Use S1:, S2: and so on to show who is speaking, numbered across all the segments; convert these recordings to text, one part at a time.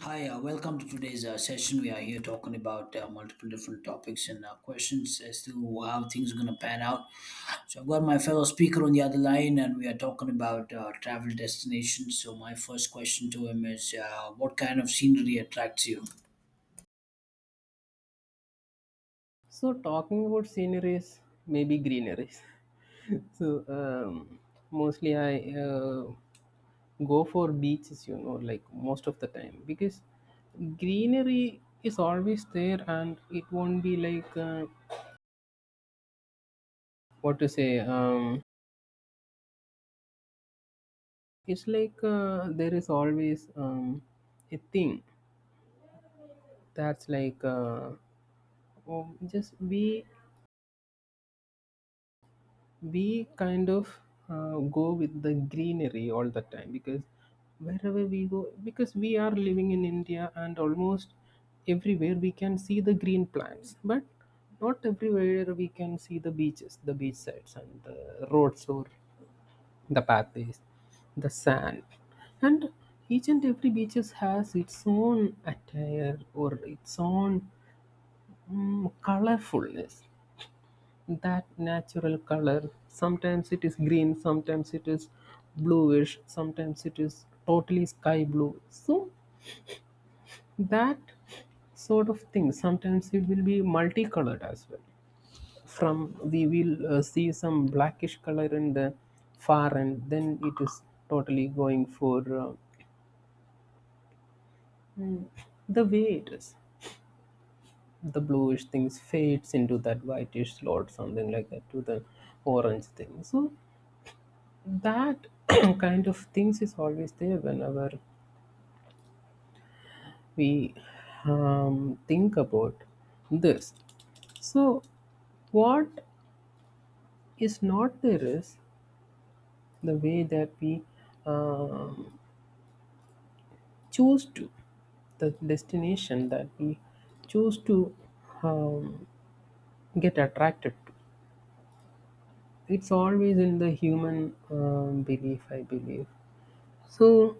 S1: Hi, welcome to today's session. We are here talking about multiple different topics and questions as to how things are going to pan out. So, I've got my fellow speaker on the other line, and we are talking about travel destinations. So, my first question to him is, what kind of scenery attracts you?
S2: So talking about sceneries, maybe greeneries. so um, mostly I go for beaches, you know, like most of the time because greenery is always there and it won't be like what to say. It's like there is always a thing that's like oh, just we kind of go with the greenery all the time because wherever we go because we are living in india and almost everywhere we can see the green plants but not everywhere we can see the beaches the beach sides and the roads or the pathways the sand and each and every beaches has its own attire or its own colorfulness, that natural color. Sometimes it is green, sometimes it is bluish, sometimes it is totally sky blue. So that sort of thing. Sometimes it will be multicolored as well. From we will see some blackish color in the far end, then it is totally going for mm, the way it is. The bluish things fades into that whitish slot, something like that, to the orange thing. So that kind of things is always there whenever we think about this, so what is not there is the way that we um, choose to, the destination that we choose to um, get attracted to. It's always in the human belief, I believe. So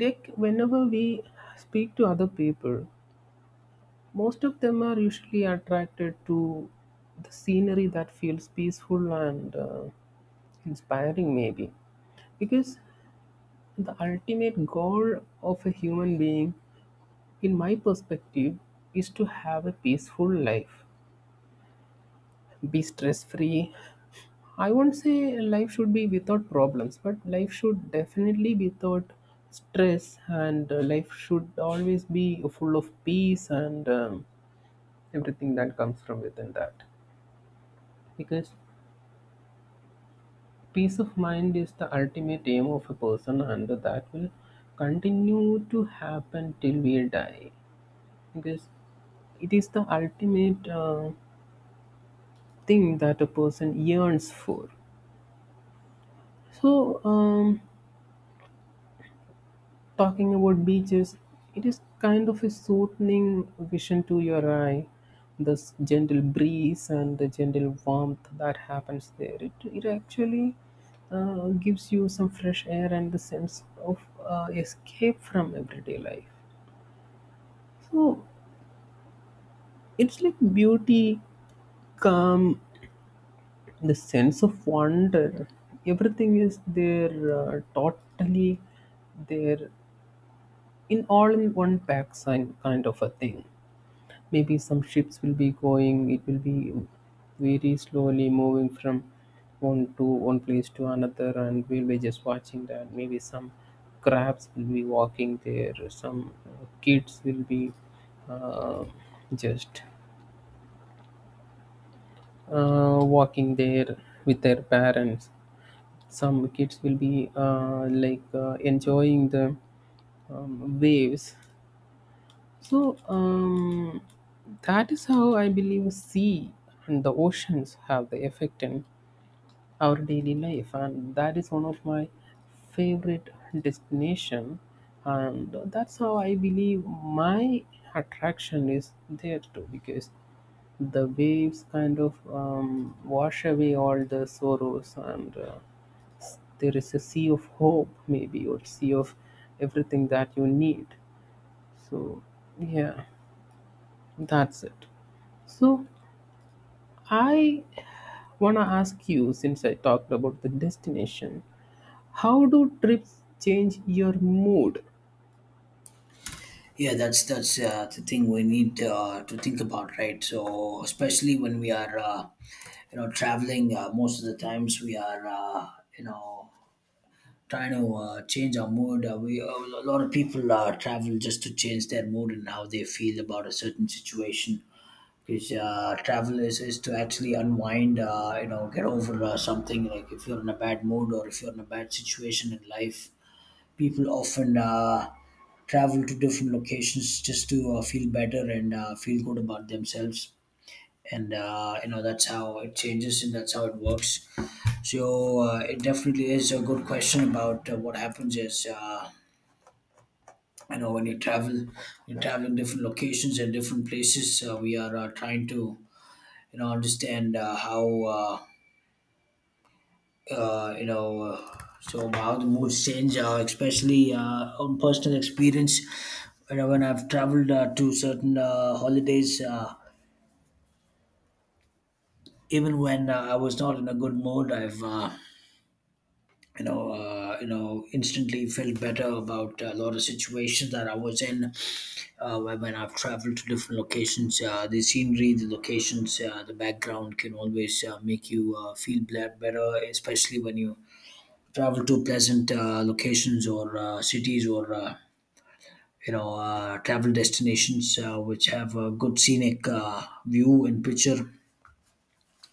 S2: like whenever we speak to other people, most of them are usually attracted to the scenery that feels peaceful and inspiring, maybe. Because the ultimate goal of a human being, in my perspective, is to have a peaceful life, be stress free. I won't say life should be without problems, but life should definitely be without stress, and life should always be full of peace and everything that comes from within that, because peace of mind is the ultimate aim of a person, and that will continue to happen till we die. Because it is the ultimate thing that a person yearns for. So, um, Talking about beaches, it is kind of a soothing vision to your eye. This gentle breeze and the gentle warmth that happens there, it actually gives you some fresh air and the sense of escape from everyday life. So it's like beauty, calm, the sense of wonder. Everything is there, totally there, in all in one pack, sign kind of a thing. Maybe some ships will be going, it will be very slowly moving from one to one place to another and we'll be just watching that. Maybe some crabs will be walking there, some kids will be uh, just walking there with their parents. Some kids will be enjoying the waves. So um, that is how I believe sea and the oceans have the effect in our daily life, and that is one of my favorite destination, and that's how I believe my attraction is there too because the waves kind of wash away all the sorrows. There is a sea of hope maybe, or sea of everything that you need. So yeah, that's it. So, I want to ask you, since I talked about the destination, how do trips change your mood?
S1: Yeah, that's the thing we need to think about, right? So, especially when we are, traveling, most of the times we are, you know trying to change our mood. We A lot of people travel just to change their mood and how they feel about a certain situation. Because travel is to actually unwind, get over something. Like if you're in a bad mood or if you're in a bad situation in life, people often travel to different locations just to feel better and feel good about themselves and that's how it changes and that's how it works. So it definitely is a good question about what happens is when you travel, you travel in different locations and different places. We are trying to understand how, uh, so how the moods change, especially on personal experience. When I've traveled to certain holidays, even when I was not in a good mood, I've instantly felt better about a lot of situations that I was in when I've traveled to different locations. The scenery, the locations, the background can always make you feel better, especially when you travel to pleasant locations or cities or travel destinations which have a good scenic view and picture,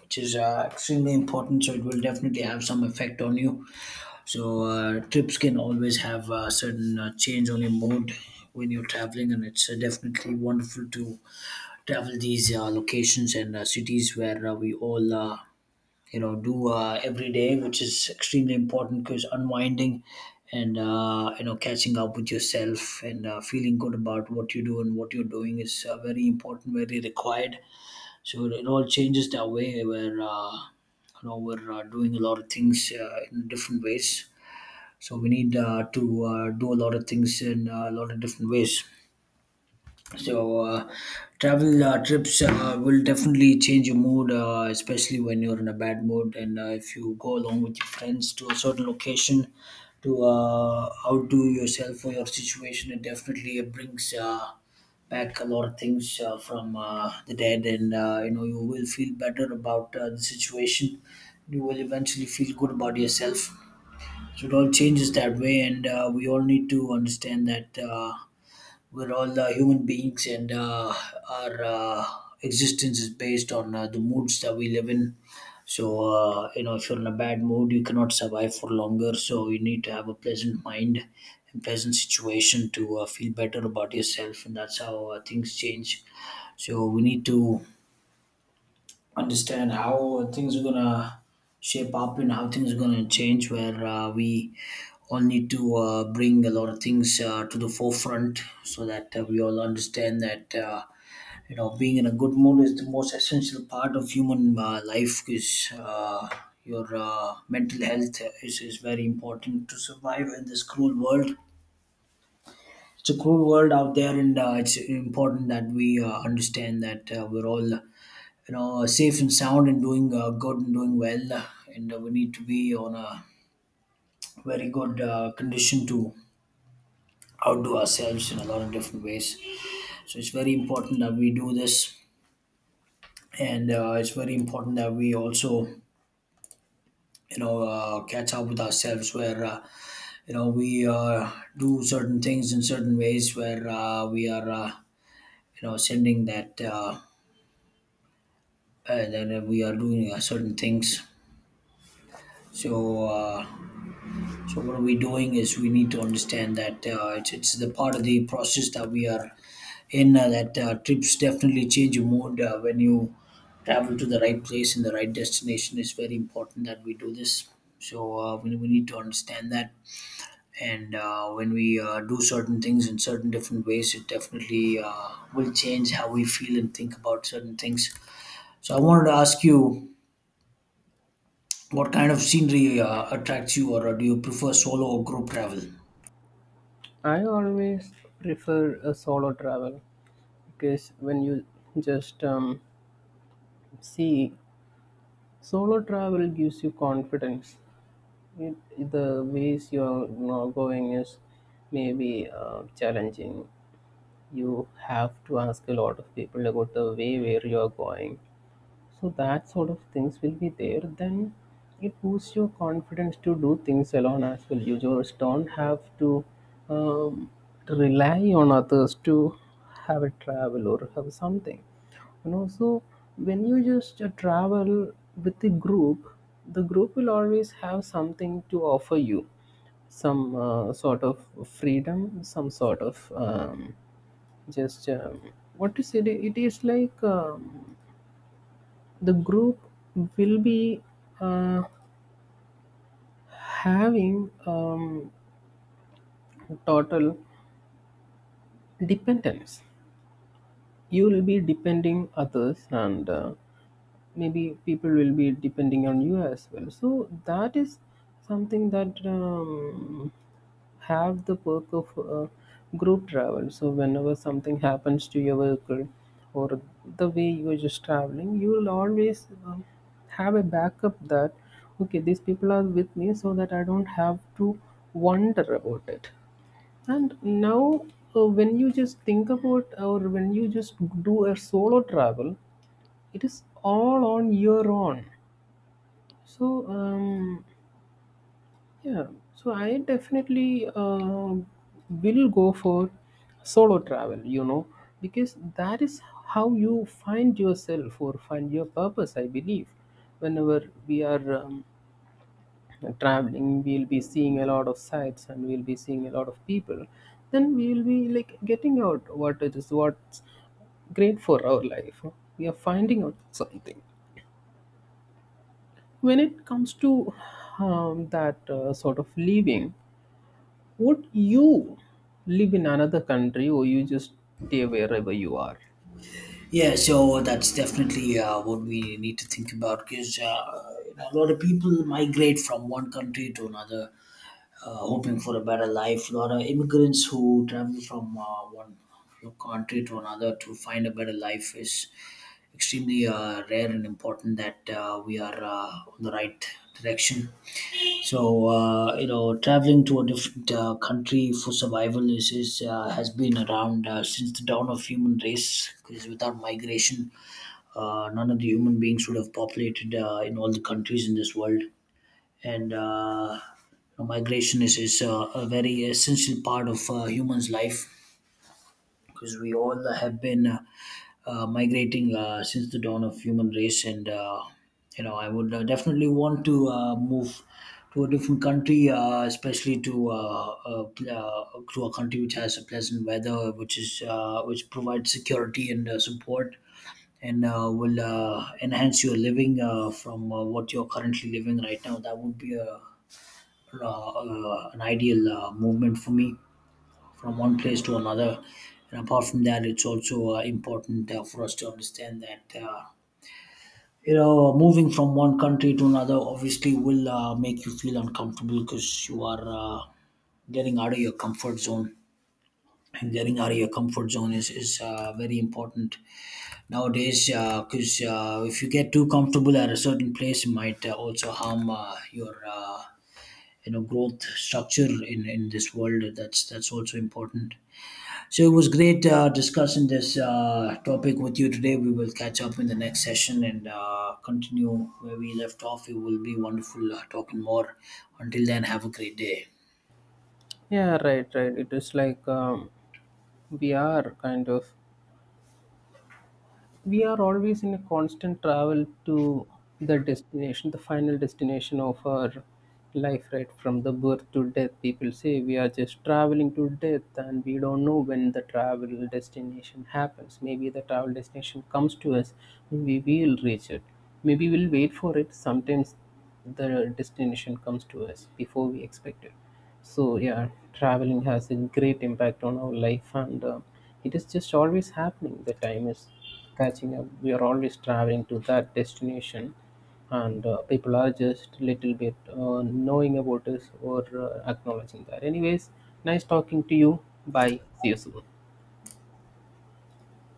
S1: which is extremely important. So it will definitely have some effect on you. So trips can always have a certain change on your mood when you're traveling, and it's definitely wonderful to travel these locations and cities where we all, do every day, which is extremely important because unwinding and catching up with yourself and feeling good about what you do and what you're doing is very important, very required. So it all changes that way. Where we're doing a lot of things in different ways, so we need to do a lot of things in a lot of different ways. So travel trips will definitely change your mood, especially when you're in a bad mood. And if you go along with your friends to a certain location to outdo yourself or your situation, it definitely brings back a lot of things from the dead. And you will feel better about the situation. You will eventually feel good about yourself, so it all changes that way. And we all need to understand that we're all human beings, and our existence is based on the moods that we live in. So if you're in a bad mood, you cannot survive for longer. So you need to have a pleasant mind and pleasant situation to feel better about yourself, and that's how things change. So we need to understand how things are gonna shape up and how things are gonna change. Where we all need to bring a lot of things to the forefront, so that we all understand that being in a good mood is the most essential part of human life. Because your mental health is very important to survive in this cruel world. It's a cruel world out there, and it's important that we understand that we're all safe and sound and doing good and doing well, and we need to be on a very good condition to outdo ourselves in a lot of different ways. So it's very important that we do this, and it's very important that we also catch up with ourselves where we do certain things in certain ways where we are you know sending that that we are doing certain things. So uh, So what are we doing is we need to understand that it's the part of the process that we are in, that trips definitely change your mood when you travel to the right place and the right destination. It's very important that we do this. So we need to understand that. And when we do certain things in certain different ways, it definitely will change how we feel and think about certain things. So I wanted to ask you, what kind of scenery attracts you, or do you prefer solo or group travel?
S2: I always prefer a solo travel because when you just see, solo travel gives you confidence. It, the ways you're, you know, going is maybe challenging. You have to ask a lot of people about the way where you are going. So that sort of things will be there. Then it boosts your confidence to do things alone as well. You just don't have to um, rely on others to have a travel or have something. And also, when you just travel with the group will always have something to offer you, some sort of freedom, some sort of just what to say. It is like the group will be uh, having total dependence. You will be depending others, and maybe people will be depending on you as well. So that is something that have the perk of group travel. So whenever something happens to your vehicle or the way you are just traveling, you will always have a backup that okay, these people are with me so that I don't have to wonder about it. And now, when you just think about, or when you just do a solo travel, it is all on your own. So um, yeah, so I definitely will go for solo travel, you know, because that is how you find yourself or find your purpose, I believe. Whenever we are traveling, we'll be seeing a lot of sights and we'll be seeing a lot of people. Then we'll be like getting out what it is, what's great for our life. We are finding out something. When it comes to that sort of living, would you live in another country, or you just stay wherever you are?
S1: Yeah, so that's definitely what we need to think about, because a lot of people migrate from one country to another, hoping for a better life. A lot of immigrants who travel from one country to another to find a better life is extremely rare and important, that we are on the right direction. So traveling to a different country for survival is, has been around since the dawn of human race. Because without migration, none of the human beings would have populated in all the countries in this world. And migration is a very essential part of humans' life, because we all have been migrating since the dawn of human race. And I would definitely want to move to a different country, especially to a country which has a pleasant weather, which is which provides security and support, and will enhance your living from what you're currently living right now. That would be a, an ideal movement for me from one place to another. And apart from that, it's also important for us to understand that moving from one country to another obviously will make you feel uncomfortable, because you are getting out of your comfort zone. And getting out of your comfort zone is very important nowadays, because 'cause if you get too comfortable at a certain place, it might also harm your growth structure in this world. That's also important. So it was great discussing this topic with you today. We will catch up in the next session and continue where we left off. It will be wonderful talking more. Until then, have a great day.
S2: Yeah, right, right. It is like we are kind of we are always in a constant travel to the destination, the final destination of our life, right? From the birth to death, people say we are just traveling to death and we don't know when the travel destination happens. Maybe the travel destination comes to us, maybe we'll reach it, maybe we'll wait for it. Sometimes the destination comes to us before we expect it. So, yeah, traveling has a great impact on our life and it is just always happening. The time is catching up. We are always traveling to that destination, and people are just little bit knowing about us or acknowledging that. Anyways, nice talking to you. Bye. See you soon.